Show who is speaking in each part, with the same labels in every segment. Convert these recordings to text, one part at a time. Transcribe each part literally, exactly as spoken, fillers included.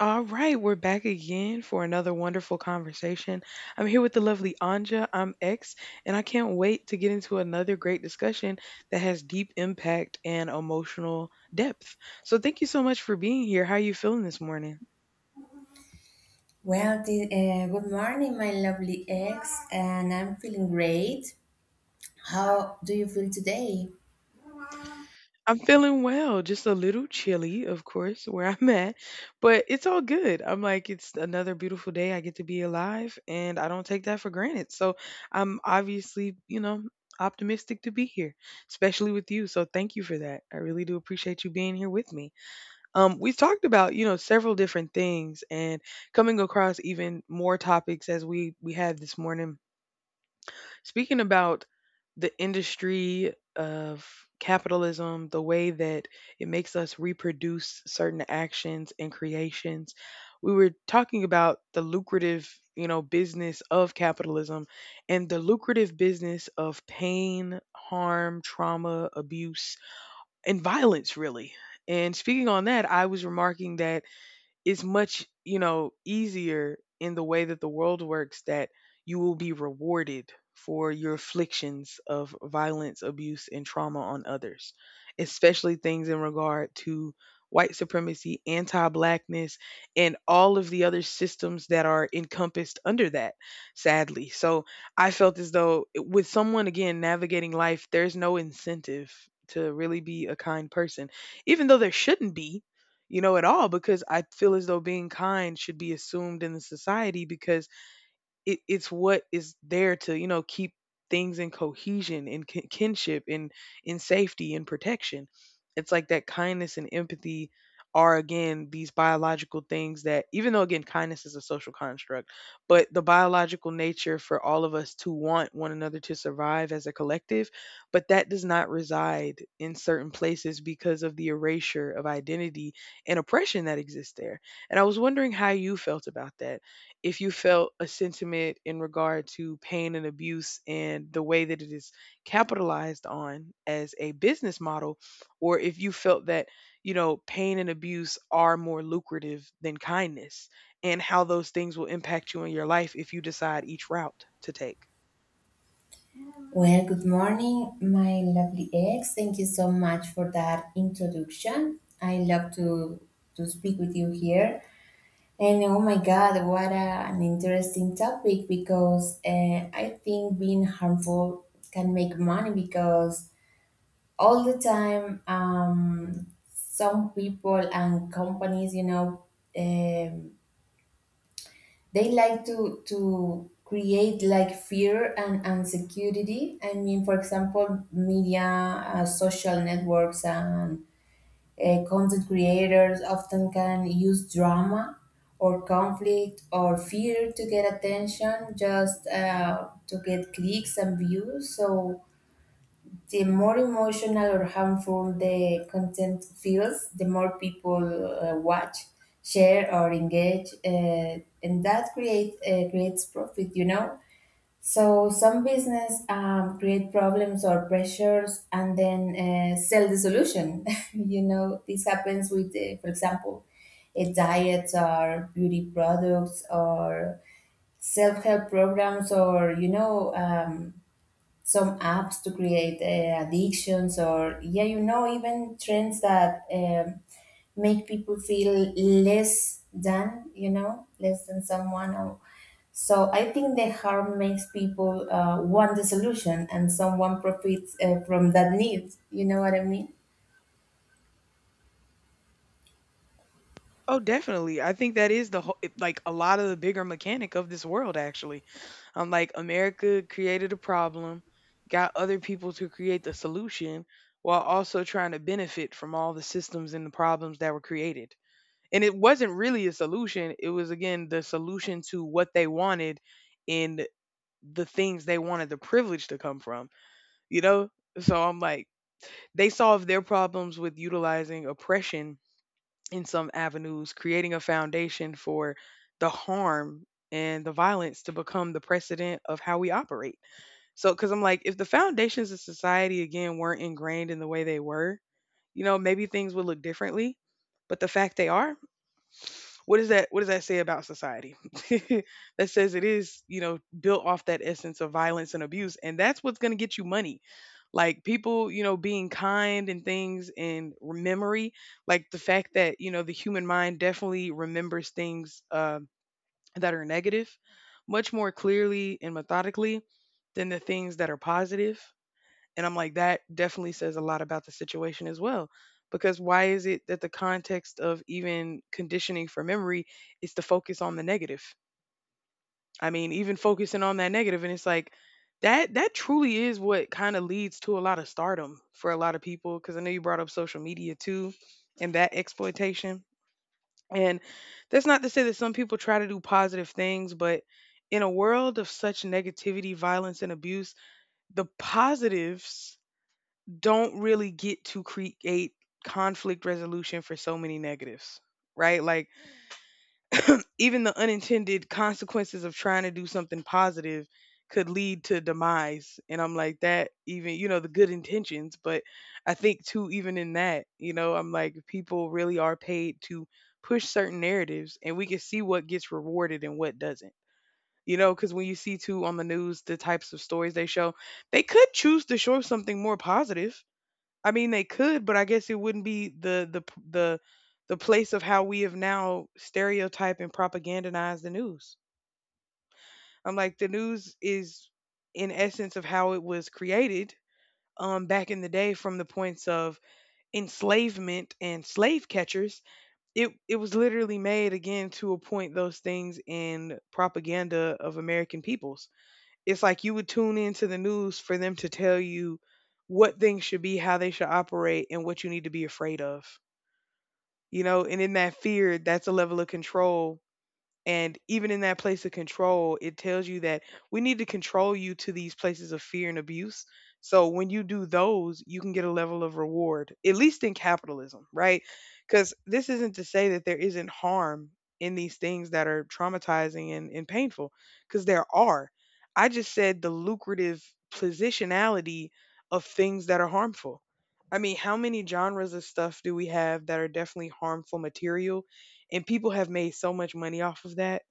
Speaker 1: All right, we're back again for another wonderful conversation. I'm here with the lovely Anja. I'm X, and I can't wait to get into another great discussion that has deep impact and emotional depth. So, thank you so much for being here. How are you feeling this morning?
Speaker 2: Well, the, uh, good morning, my lovely ex, and I'm feeling great. How do you feel today?
Speaker 1: I'm feeling well, just a little chilly, of course, where I'm at, but it's all good. I'm like, it's another beautiful day. I get to be alive, and I don't take that for granted. So I'm obviously, you know, optimistic to be here, especially with you. So thank you for that. I really do appreciate you being here with me. Um, we've talked about, you know, several different things and coming across even more topics as we we had this morning, speaking about the industry of capitalism, the way that it makes us reproduce certain actions and creations. We were talking about the lucrative, you know, business of capitalism and the lucrative business of pain, harm, trauma, abuse, and violence, really. And speaking on that, I was remarking that is much, you know, easier in the way that the world works that you will be rewarded for your afflictions of violence, abuse, and trauma on others, especially things in regard to white supremacy, anti blackness, and all of the other systems that are encompassed under that, sadly. So I felt as though, eh, with someone again navigating life, there's no incentive to really be a kind person, even though there shouldn't be, you know, at all, because I feel as though being kind should be assumed in the society, because it, it's what is there to, you know, keep things in cohesion and kin- kinship and in safety and protection. It's like that kindness and empathy are, again, these biological things. That even though, again, kindness is a social construct, but the biological nature for all of us to want one another to survive as a collective, but that does not reside in certain places because of the erasure of identity and oppression that exists there. And I was wondering how you felt about that, if you felt a sentiment in regard to pain and abuse and the way that it is capitalized on as a business model, or if you felt that, you know, pain and abuse are more lucrative than kindness, and how those things will impact you in your life if you decide each route to take.
Speaker 2: Well, good morning, my lovely ex. Thank you so much for that introduction. I love to to speak with you here. And oh my God, what a, an interesting topic, because uh, I think being harmful can make money because all the time. Um, some people and companies, you know, um, they like to to create like fear and insecurity. I mean, for example, media, uh, social networks, and uh, content creators often can use drama or conflict or fear to get attention, just uh, to get clicks and views. So the more emotional or harmful the content feels, the more people uh, watch, share, or engage, uh, and that create uh, creates profit, you know. So some business um, create problems or pressures and then uh, sell the solution. You know, this happens with, uh, for example, a diet or beauty products or self-help programs, or you know. Um, some apps to create uh, addictions, or yeah, you know, even trends that um, make people feel less than, you know, less than someone, or so I think the harm makes people uh, want the solution, and someone profits uh, from that need. You know what I mean?
Speaker 1: Oh, definitely. I think that is the whole, it- like a lot of the bigger mechanic of this world, actually. Um, like, America created a problem, got other people to create the solution while also trying to benefit from all the systems and the problems that were created. And it wasn't really a solution. It was, again, the solution to what they wanted and the things they wanted the privilege to come from, you know? So I'm like, they solved their problems with utilizing oppression in some avenues, creating a foundation for the harm and the violence to become the precedent of how we operate. So, because I'm like, if the foundations of society again weren't ingrained in the way they were, you know, maybe things would look differently. But the fact they are, what does that what does that say about society? That says it is, you know, built off that essence of violence and abuse, and that's what's going to get you money. Like, people, you know, being kind and things and memory, like the fact that, you know, the human mind definitely remembers things um that are negative much more clearly and methodically than the things that are positive. And I'm like, that definitely says a lot about the situation as well. Because why is it that the context of even conditioning for memory is to focus on the negative? I mean, even focusing on that negative, and it's like that that truly is what kind of leads to a lot of stardom for a lot of people. Because I know you brought up social media too, and that exploitation. And that's not to say that some people try to do positive things, but in a world of such negativity, violence, and abuse, the positives don't really get to create conflict resolution for so many negatives, right? Like, even the unintended consequences of trying to do something positive could lead to demise. And I'm like, that even, you know, the good intentions, but I think too, even in that, you know, I'm like, people really are paid to push certain narratives and we can see what gets rewarded and what doesn't. You know, because when you see too on the news the types of stories they show, they could choose to show something more positive. I mean, they could, but I guess it wouldn't be the the p- the the place of how we have now stereotyped and propagandized the news. I'm like, the news is in essence of how it was created um back in the day from the points of enslavement and slave catchers. It it was literally made again to appoint those things in propaganda of American peoples. It's like you would tune into the news for them to tell you what things should be, how they should operate, and what you need to be afraid of. You know, and in that fear, that's a level of control, and even in that place of control, it tells you that we need to control you to these places of fear and abuse. So when you do those, you can get a level of reward, at least in capitalism, right? Because this isn't to say that there isn't harm in these things that are traumatizing and, and painful, because there are. I just said the lucrative positionality of things that are harmful. I mean, how many genres of stuff do we have that are definitely harmful material, and people have made so much money off of that,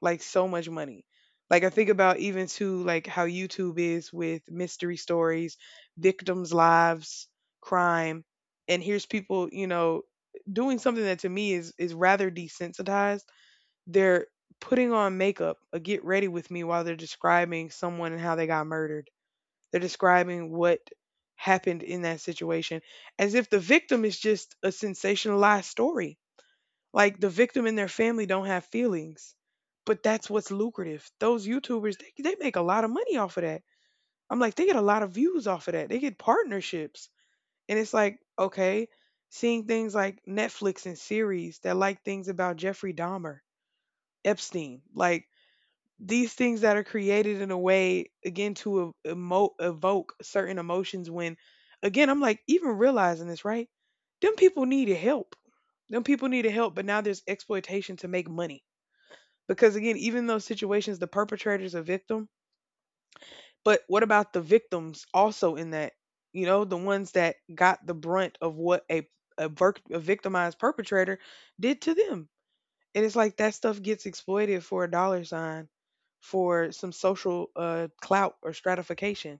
Speaker 1: like so much money. Like, I think about even too, like how YouTube is with mystery stories, victims lives, crime, and here's people, you know, doing something that to me is is rather desensitized. They're putting on makeup, a get ready with me, while they're describing someone and how they got murdered. They're describing what happened in that situation as if the victim is just a sensationalized story, like the victim and their family don't have feelings, but that's what's lucrative. Those YouTubers, they, they make a lot of money off of that. I'm like, they get a lot of views off of that. They get partnerships. And it's like, okay, seeing things like Netflix and series that like things about Jeffrey Dahmer, Epstein, like these things that are created in a way again to e- emo- evoke certain emotions when, again, I'm like, even realizing this, right, them people needed help, them people needed help, but now there's exploitation to make money. Because, again, even those situations, the perpetrator's a victim, but what about the victims also in that, you know, the ones that got the brunt of what a a, vir- a victimized perpetrator did to them. And it's like that stuff gets exploited for a dollar sign, for some social uh, clout or stratification.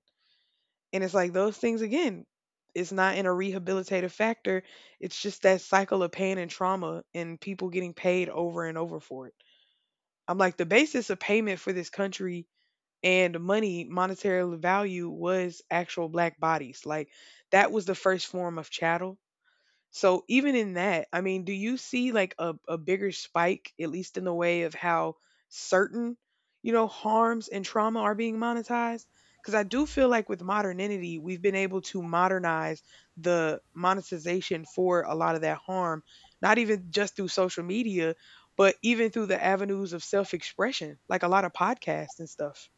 Speaker 1: And it's like those things, again, it's not in a rehabilitative factor. It's just that cycle of pain and trauma and people getting paid over and over for it. I'm like, the basis of payment for this country and money, monetary value, was actual black bodies. Like, that was the first form of chattel. So even in that, I mean, do you see like a, a bigger spike, at least in the way of how certain, you know, harms and trauma are being monetized? Because I do feel like with modernity, we've been able to modernize the monetization for a lot of that harm, not even just through social media, but even through the avenues of self expression, like a lot of podcasts and stuff.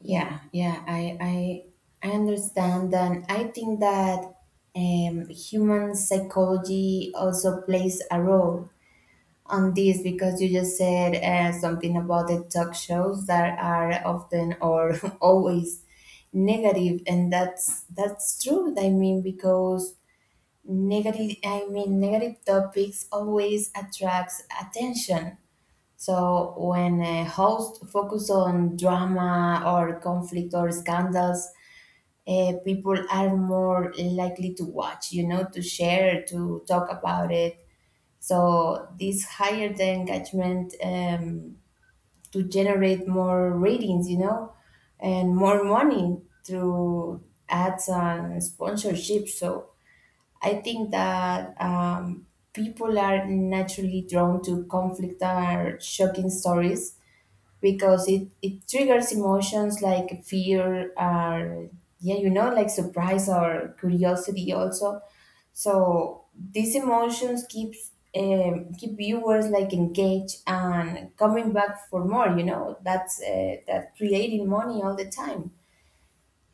Speaker 2: Yeah, yeah. I I I understand, and I think that um, human psychology also plays a role on this, because you just said uh, something about the talk shows that are often or always negative, and that's that's true. I mean, because negative, I mean, negative topics always attracts attention. So when a host focus on drama or conflict or scandals, uh, people are more likely to watch, you know, to share, to talk about it. So this higher the engagement um, to generate more ratings, you know, and more money through ads and sponsorship. So I think that um, people are naturally drawn to conflict or shocking stories because it, it triggers emotions like fear, or yeah, you know, like surprise or curiosity also. So these emotions keeps um, keep viewers like engaged and coming back for more, you know. That's uh, that creating money all the time.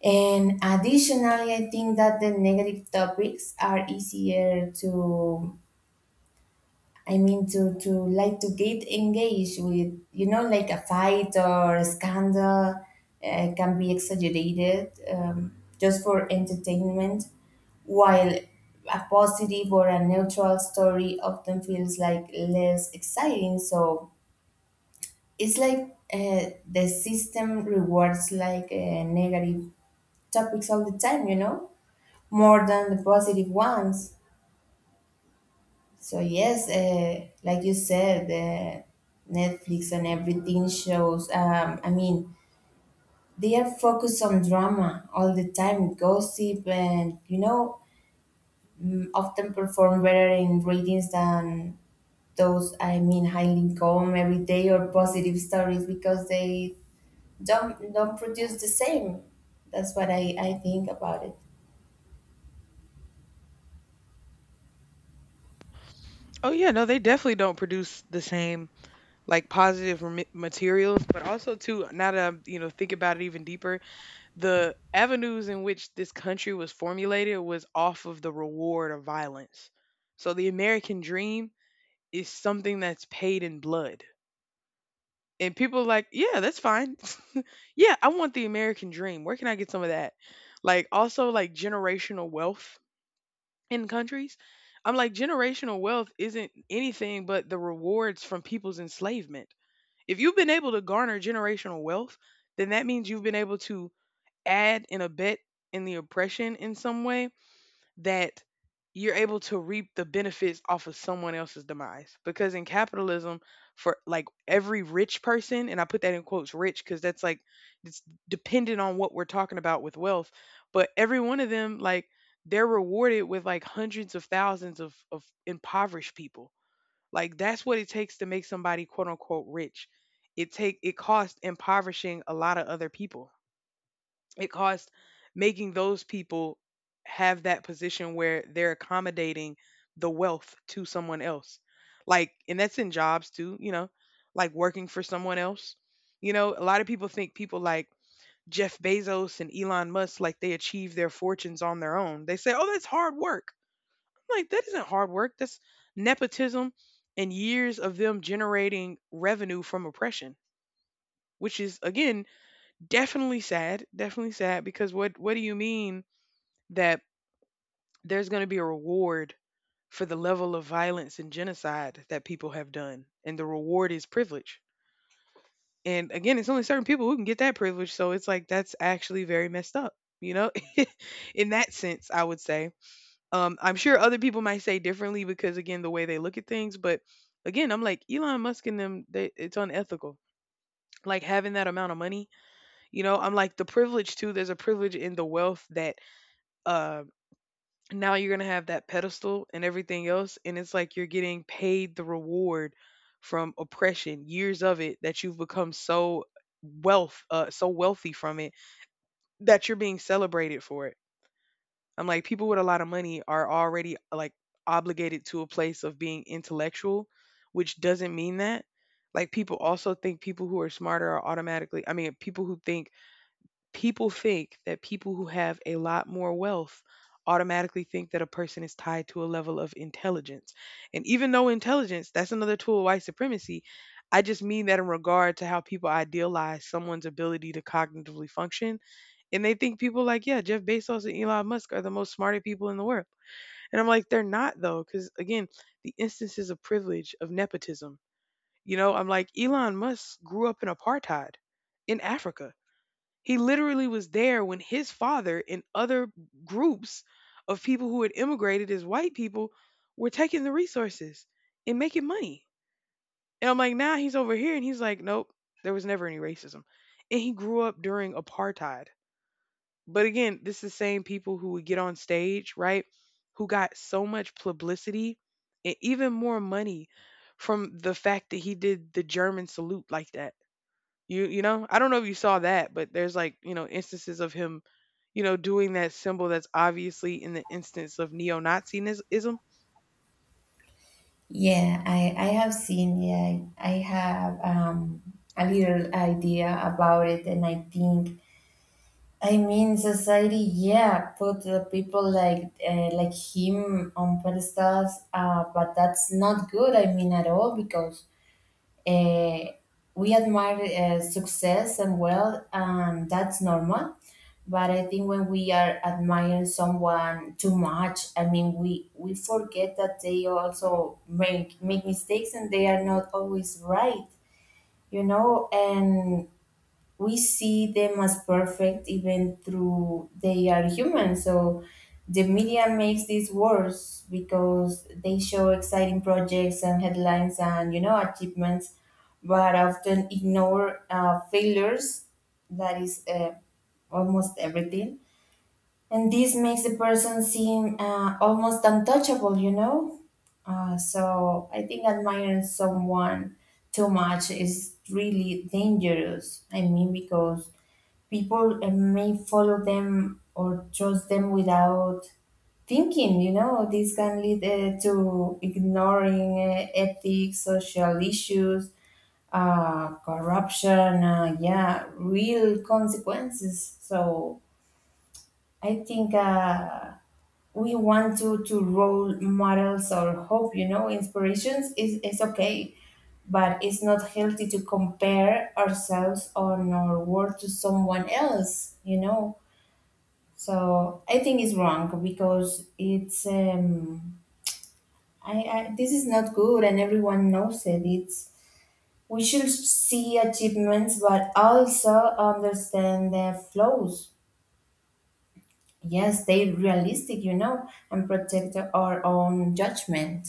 Speaker 2: And additionally, I think that the negative topics are easier to, I mean, to to like to get engaged with, you know, like a fight or a scandal uh, can be exaggerated, um, just for entertainment, while a positive or a neutral story often feels like less exciting. So it's like uh, the system rewards like uh, negative topics all the time, you know, more than the positive ones. So yes, uh, like you said, the Netflix and everything shows. Um, I mean, they are focused on drama all the time, gossip, and you know, mm, often perform better in ratings than those. I mean, highly calm every day or positive stories, because they don't don't produce the same. That's what I I think about it.
Speaker 1: Oh yeah, no, they definitely don't produce the same like positive remi- materials. But also too, now that I'm, you know, think about it even deeper, the avenues in which this country was formulated was off of the reward of violence. So the American dream is something that's paid in blood, and people are like, yeah, that's fine. Yeah, I want the American dream, where can I get some of that? Like also, like generational wealth in countries, I'm like, generational wealth isn't anything but the rewards from people's enslavement. If you've been able to garner generational wealth, then that means you've been able to add and abet in the oppression in some way, that you're able to reap the benefits off of someone else's demise. Because in capitalism, for like every rich person, and I put that in quotes rich because that's like it's dependent on what we're talking about with wealth, but every one of them, like, they're rewarded with like hundreds of thousands of, of impoverished people like that's what it takes to make somebody quote unquote rich. It take it costs impoverishing a lot of other people. It costs making those people have that position where they're accommodating the wealth to someone else. Like and that's in jobs too, you know, like working for someone else. You know, a lot of people think people like Jeff Bezos and Elon Musk like they achieve their fortunes on their own. They say, "Oh, that's hard work." I'm like, that isn't hard work. That's nepotism and years of them generating revenue from oppression, which is again definitely sad. Definitely sad because what what do you mean that there's going to be a reward for the level of violence and genocide that people have done, and the reward is privilege. And again, it's only certain people who can get that privilege, so it's like that's actually very messed up. You know, in that sense, I would say. Um, I'm sure other people might say differently because again, the way they look at things. But again, I'm like Elon Musk and them. They, it's unethical. Like having that amount of money, you know. I'm like the privilege too. There's a privilege in the wealth that uh, now you're gonna have that pedestal and everything else, and it's like you're getting paid the reward from oppression, years of it that you've become so wealth, uh, so wealthy from it that you're being celebrated for it. I'm like, people with a lot of money are already like obligated to a place of being intellectual, which doesn't mean that. Like people also think people who are smarter are automatically I mean, people who think people think that people who have a lot more wealth automatically think that a person is tied to a level of intelligence. And even though intelligence, that's another tool of white supremacy, I just mean that in regard to how people idealize someone's ability to cognitively function. And they think people like, yeah, Jeff Bezos and Elon Musk are the most smarter people in the world. And I'm like, they're not, though, because again, the instances of privilege, of nepotism, you know, I'm like, Elon Musk grew up in apartheid in Africa. He literally was there when his father and other groups of people who had immigrated as white people were taking the resources and making money. And I'm like, now he's over here and he's like, nope, there was never any racism. And he grew up during apartheid. But again, this is the same people who would get on stage, right? Who got so much publicity and even more money from the fact that he did the German salute like that. You you know, I don't know if you saw that, but there's like, you know, instances of him, you know, doing that symbol that's obviously in the instance of neo-Nazism.
Speaker 2: Yeah, I, I have seen, yeah, I have, um, a little idea about it, and I think, I mean, society, yeah, put the people like uh, like him on pedestals, uh, but that's not good. I mean, at all, because uh, we admire uh, success and wealth, and that's normal. But I think when we are admiring someone too much, I mean, we, we forget that they also make, make mistakes and they are not always right, you know? And we see them as perfect, even through they are human. So the media makes this worse because they show exciting projects and headlines and you know achievements, but often ignore uh, failures. That is uh, almost everything, and this makes the person seem uh, almost untouchable, you know. Uh, so I think admiring someone too much is really dangerous. I mean, because people uh, may follow them or trust them without thinking, you know. This can lead uh, to ignoring uh, ethics, social issues, uh, corruption, uh, yeah, real consequences. So I think uh, we want to to role models, or hope, you know, inspirations is, is okay, but it's not healthy to compare ourselves or our work to someone else, you know. So I think it's wrong, because it's um I, I this is not good, and everyone knows it. It's, we should see achievements but also understand their flaws. Yes, they realistic, you know, and protect our own judgment.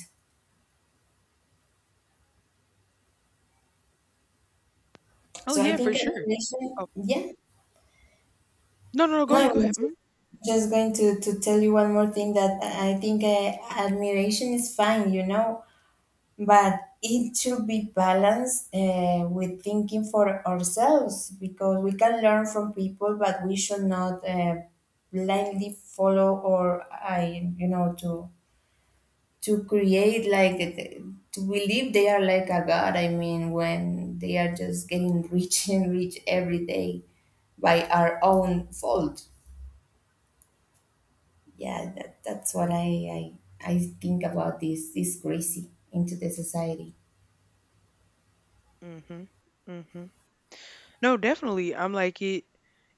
Speaker 1: Oh
Speaker 2: So I
Speaker 1: yeah,
Speaker 2: think
Speaker 1: for sure.
Speaker 2: admiration,
Speaker 1: Oh
Speaker 2: yeah.
Speaker 1: no, no, no. Go
Speaker 2: No, I
Speaker 1: ahead, go ahead.
Speaker 2: was
Speaker 1: Mm,
Speaker 2: just, just going to, to tell you one more thing, that I I think uh, admiration is fine, you know, but it should be balanced uh, with thinking for ourselves, because we can learn from people, but we should not uh, blindly follow or I you know to to create like the- to believe they are like a god. I mean, when they are just getting rich and rich every day by our own fault. Yeah, that, that's what I, I i think about this, this crazy into the society.
Speaker 1: mhm, mhm. No, definitely. I'm like it.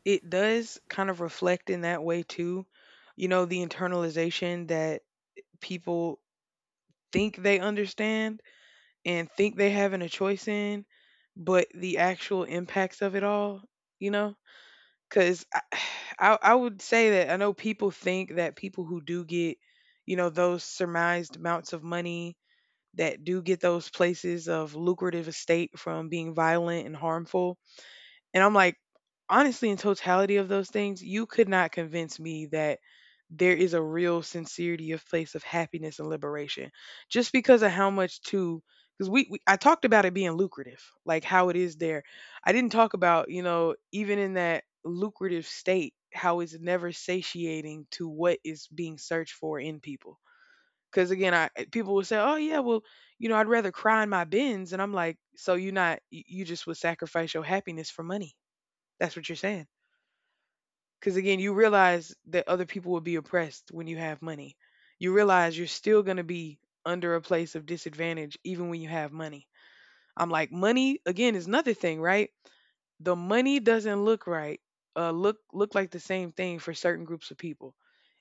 Speaker 1: It does kind of reflect in that way too. You know, the internalization that people think they understand and think they having a choice in, but the actual impacts of it all. You know. Because I, I, I would say that I know people think that people who do get, you know, those surmised amounts of money that do get those places of lucrative estate from being violent and harmful, and I'm like, honestly, in totality of those things, you could not convince me that there is a real sincerity of place of happiness and liberation just because of how much too. Because we, we I talked about it being lucrative like how it is there. I didn't talk about, you know, even in that lucrative state how it's never satiating to what is being searched for in people, because again i eh, people will say, oh yeah, well, you know, I'd rather cry in my bins. And I'm like, so you're not you you just would sacrifice your happiness for money. That's what you're saying. Because again, you realize that other people will be oppressed when you have money. You realize you're still going to be under a place of disadvantage even when you have money. I'm like, money again is another thing, right? The money doesn't look right. Uh, look look like the same thing for certain groups of people.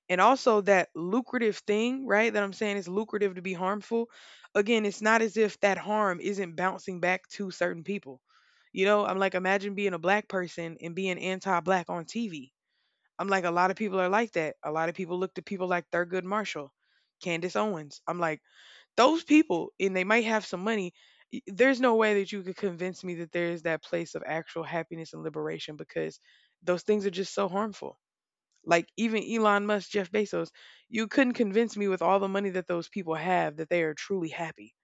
Speaker 1: And also that lucrative thing, right? That I'm saying is lucrative to be harmful. Again, it's not as if that harm isn't bouncing back to certain people. You know, I'm like, imagine being a black person and being anti black on T V. I'm like, a lot of people are like that. A lot of people look to people like Thurgood Marshall, Candace Owens. I'm like, those people, and they might have some money. y- There's no way that you could convince me that there is that place of actual happiness and liberation because those things are just so harmful. Like even Elon Musk, Jeff Bezos, you couldn't convince me with all the money that those people have that they are truly happy,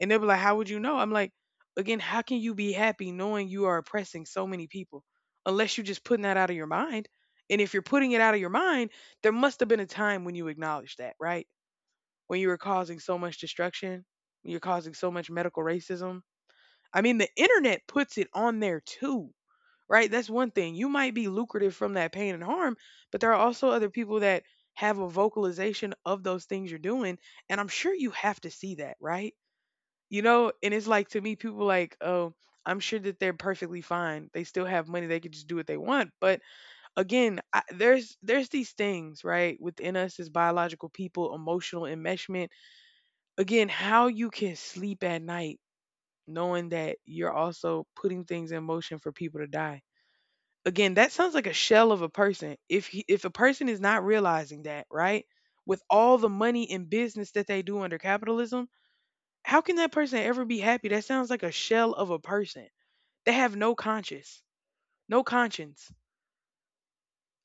Speaker 1: and they'll be like, how would you know? I'm like, again, how can you be happy knowing you are oppressing so many people unless you're just putting that out of your mind? And if you're putting it out of your mind, there must have been a time when you acknowledged that, right? When you were causing so much destruction, when you're causing so much medical racism. I mean, the internet puts it on there too, right? That's one thing. You might be lucrative from that pain and harm, but there are also other people that have a vocalization of those things you're doing. And I'm sure you have to see that, right? You know, and it's like to me, people like, oh, I'm sure that they're perfectly fine. They still have money. They could just do what they want. But again, I, there's there's these things right within us as biological people, emotional enmeshment. Again, how you can sleep at night knowing that you're also putting things in motion for people to die. Again, that sounds like a shell of a person. If he, if a person is not realizing that, right, with all the money and business that they do under capitalism, how can that person ever be happy? That sounds like a shell of a person. They have no conscience, no conscience.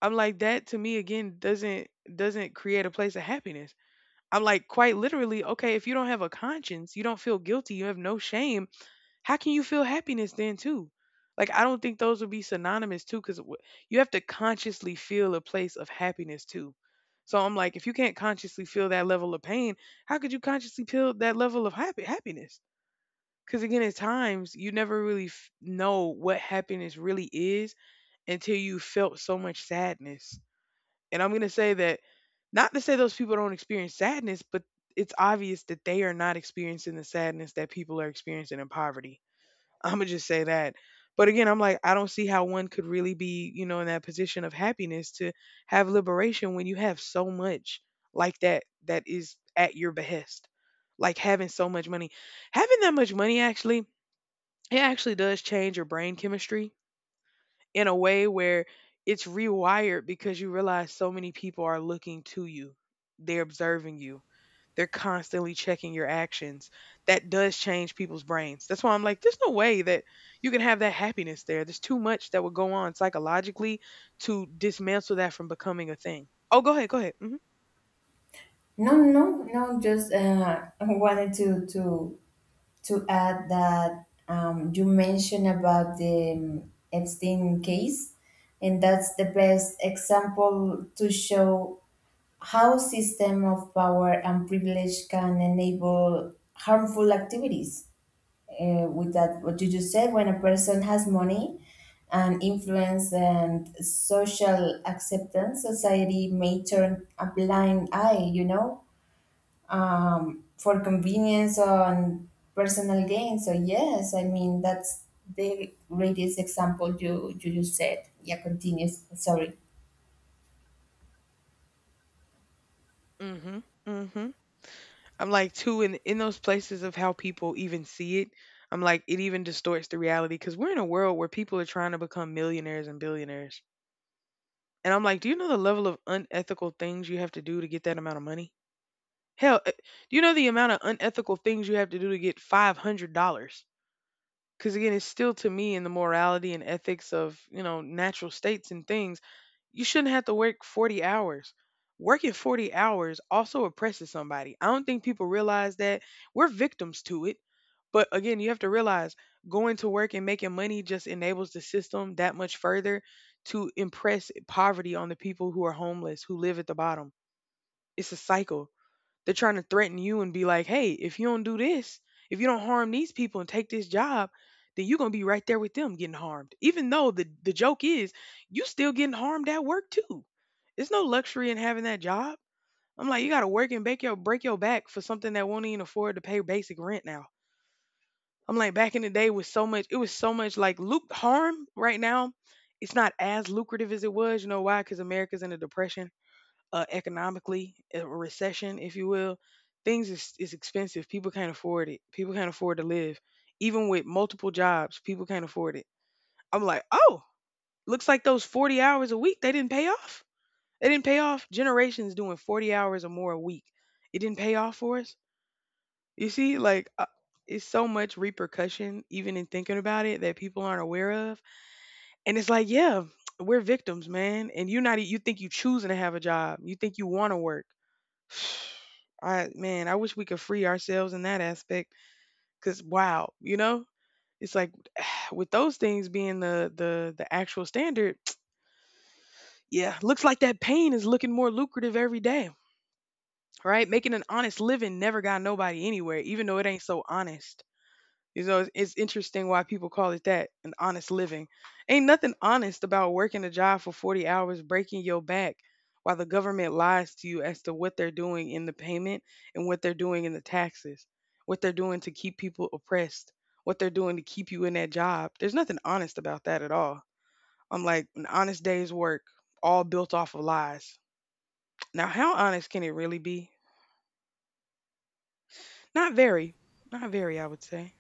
Speaker 1: I'm like that to me again doesn't doesn't create a place of happiness. I'm like quite literally, okay, if you don't have a conscience, you don't feel guilty, you have no shame, how can you feel happiness then too? Like I don't think those would be synonymous too cuz you have to consciously feel a place of happiness too. So I'm like if you can't consciously feel that level of pain, how could you consciously feel that level of happy happiness? Because again, at times you never really f- know what happiness really is until you felt so much sadness. And I'm going to say that not to say those people don't experience sadness, but it's obvious that they are not experiencing the sadness that people are experiencing in poverty. I'm going to just say that. But again, I'm like, I don't see how one could really be, you know, in that position of happiness to have liberation when you have so much like that that is at your behest. Like having so much money. Having that much money actually, it actually does change your brain chemistry in a way where it's rewired because you realize so many people are looking to you. They're observing you. They're constantly checking your actions. That does change people's brains. That's why I'm like, there's no way that you can have that happiness there. There's too much that would go on psychologically to dismantle that from becoming a thing. Oh, go ahead, go ahead.
Speaker 2: No, no, no. Just uh, wanted to to to add that, um, you mentioned about the, um, Epstein case, and that's the best example to show how system of power and privilege can enable harmful activities. Uh, with that, what you just said, when a person has money and influence and social acceptance, society may turn a blind eye, you know, um, for convenience and personal gain. So yes, I mean, that's the greatest example you you just said. Yeah, continues. Sorry.
Speaker 1: Hmm, hmm, hmm. I'm like too in in those places of how people even see it. I'm like it even distorts the reality because we're in a world where people are trying to become millionaires and billionaires. And I'm like, do you know the level of unethical things you have to do to get that amount of money? Hell, eh, do you know the amount of unethical things you have to do to get five hundred dollars? Because again, it's still to me in the morality and ethics of you know natural states and things. You shouldn't have to work forty hours. Working forty hours also oppresses somebody. I don't think people realize that. We're victims to it. But again, you have to realize going to work and making money just enables the system that much further to impress poverty on the people who are homeless, who live at the bottom. It's a cycle. They're trying to threaten you and be like, hey, if you don't do this, if you don't harm these people and take this job, then you're going to be right there with them getting harmed. Even though the, the joke is, you still getting harmed at work too. It's no luxury in having that job. I'm like, you got to work and break your, break your back for something that won't even afford to pay basic rent now. I'm like, back in the day was so much, it was so much like loop harm right now. It's not as lucrative as it was. You know why? Because America's in a depression uh, economically, a recession, if you will. Things is, is expensive. People can't afford it. People can't afford to live. Even with multiple jobs, people can't afford it. I'm like, oh, looks like those forty hours a week, they didn't pay off. They didn't pay off. Generations doing forty hours or more a week. It didn't pay off for us. You see, like, uh, it's so much repercussion, even in thinking about it, that people aren't aware of. And it's like, yeah, we're victims, man. And you're not, e- you think you choosing to have a job. You think you want to work. I man, I wish we could free ourselves in that aspect, cuz wow, you know? It's like with those things being the the the actual standard, yeah, looks like that pain is looking more lucrative every day, right? Making an honest living never got nobody anywhere, even though it ain't so honest. You know, it's, it's interesting why people call it that, an honest living. Ain't nothing honest about working a job for forty hours, breaking your back, while the government lies to you as to what they're doing in the payment and what they're doing in the taxes, what they're doing to keep people oppressed, what they're doing to keep you in that job. There's nothing honest about that at all. I'm like, an honest day's work, all built off of lies. Now, how honest can it really be? Not very. Not very, I would say.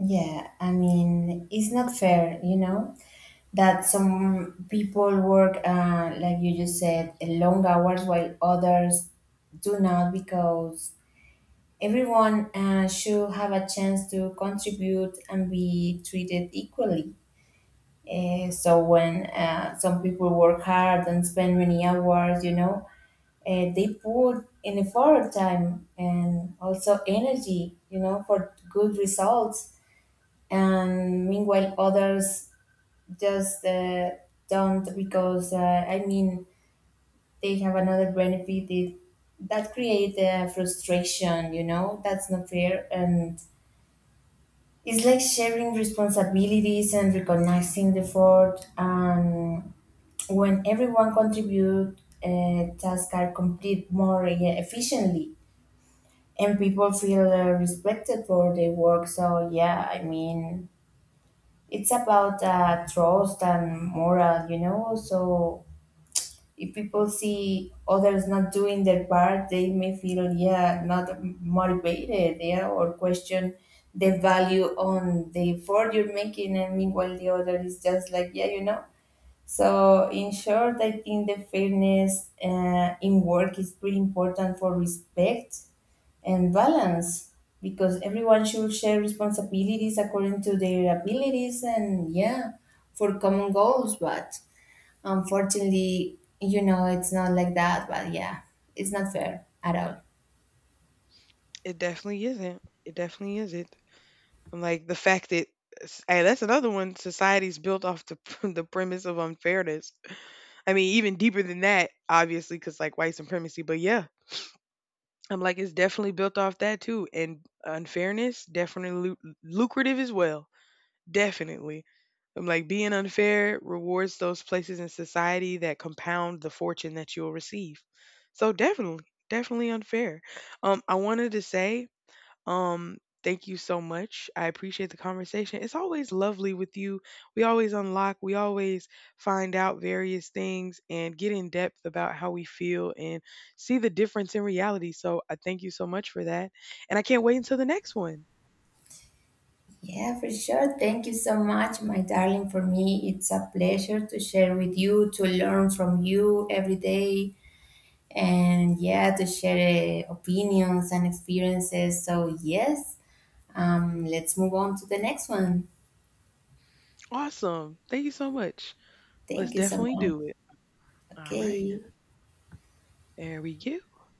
Speaker 2: Yeah, I mean, it's not fair, you know, that some people work, uh, like you just said, uh, long hours, while others do not, because everyone uh, should have a chance to contribute and be treated equally. Uh, so when uh, some people work hard and spend many hours, you know, uh, they put in effort, time, and also energy, you know, for good results. And meanwhile, others just uh, don't, because uh, I mean, they have another benefit, it, that create uh, frustration, you know. That's not fair. And it's like sharing responsibilities and recognizing the effort. And when everyone contribute, uh, tasks are complete more, yeah, efficiently, and people feel uh, respected for their work. So yeah, I mean, it's about uh, trust and moral, you know. So if people see others not doing their part, they may feel, yeah, not motivated, yeah, or question the value on the effort you're making, and meanwhile, the other is just like, yeah, you know. So, in short, I think the fairness uh, in work is pretty important for respect and balance, because everyone should share responsibilities according to their abilities and, yeah, for common goals. But unfortunately, you know, it's not like that. But yeah, it's not fair at all.
Speaker 1: It definitely isn't. It definitely isn't. I'm like the fact that, hey, that's another one. Society's built off the the premise of unfairness. I mean, even deeper than that, obviously, because like white supremacy. But yeah, I'm like it's definitely built off that too, and unfairness definitely lu- lucrative as well. Definitely. I'm like being unfair rewards those places in society that compound the fortune that you'll receive. So definitely, definitely unfair. Um, I wanted to say um, thank you so much. I appreciate the conversation. It's always lovely with you. We always unlock, we always find out various things and get in depth about how we feel and see the difference in reality. So I thank you so much for that. And I can't wait until the next one.
Speaker 2: Yeah, for sure. Thank you so much, my darling. For me, it's a pleasure to share with you, to learn from you every day, and yeah, to share uh, opinions and experiences. So, yes, um, let's move on to the next one.
Speaker 1: Awesome. Thank you so much. Let's
Speaker 2: Thank you so
Speaker 1: definitely
Speaker 2: much.
Speaker 1: do it. All right.
Speaker 2: Okay.
Speaker 1: There we go.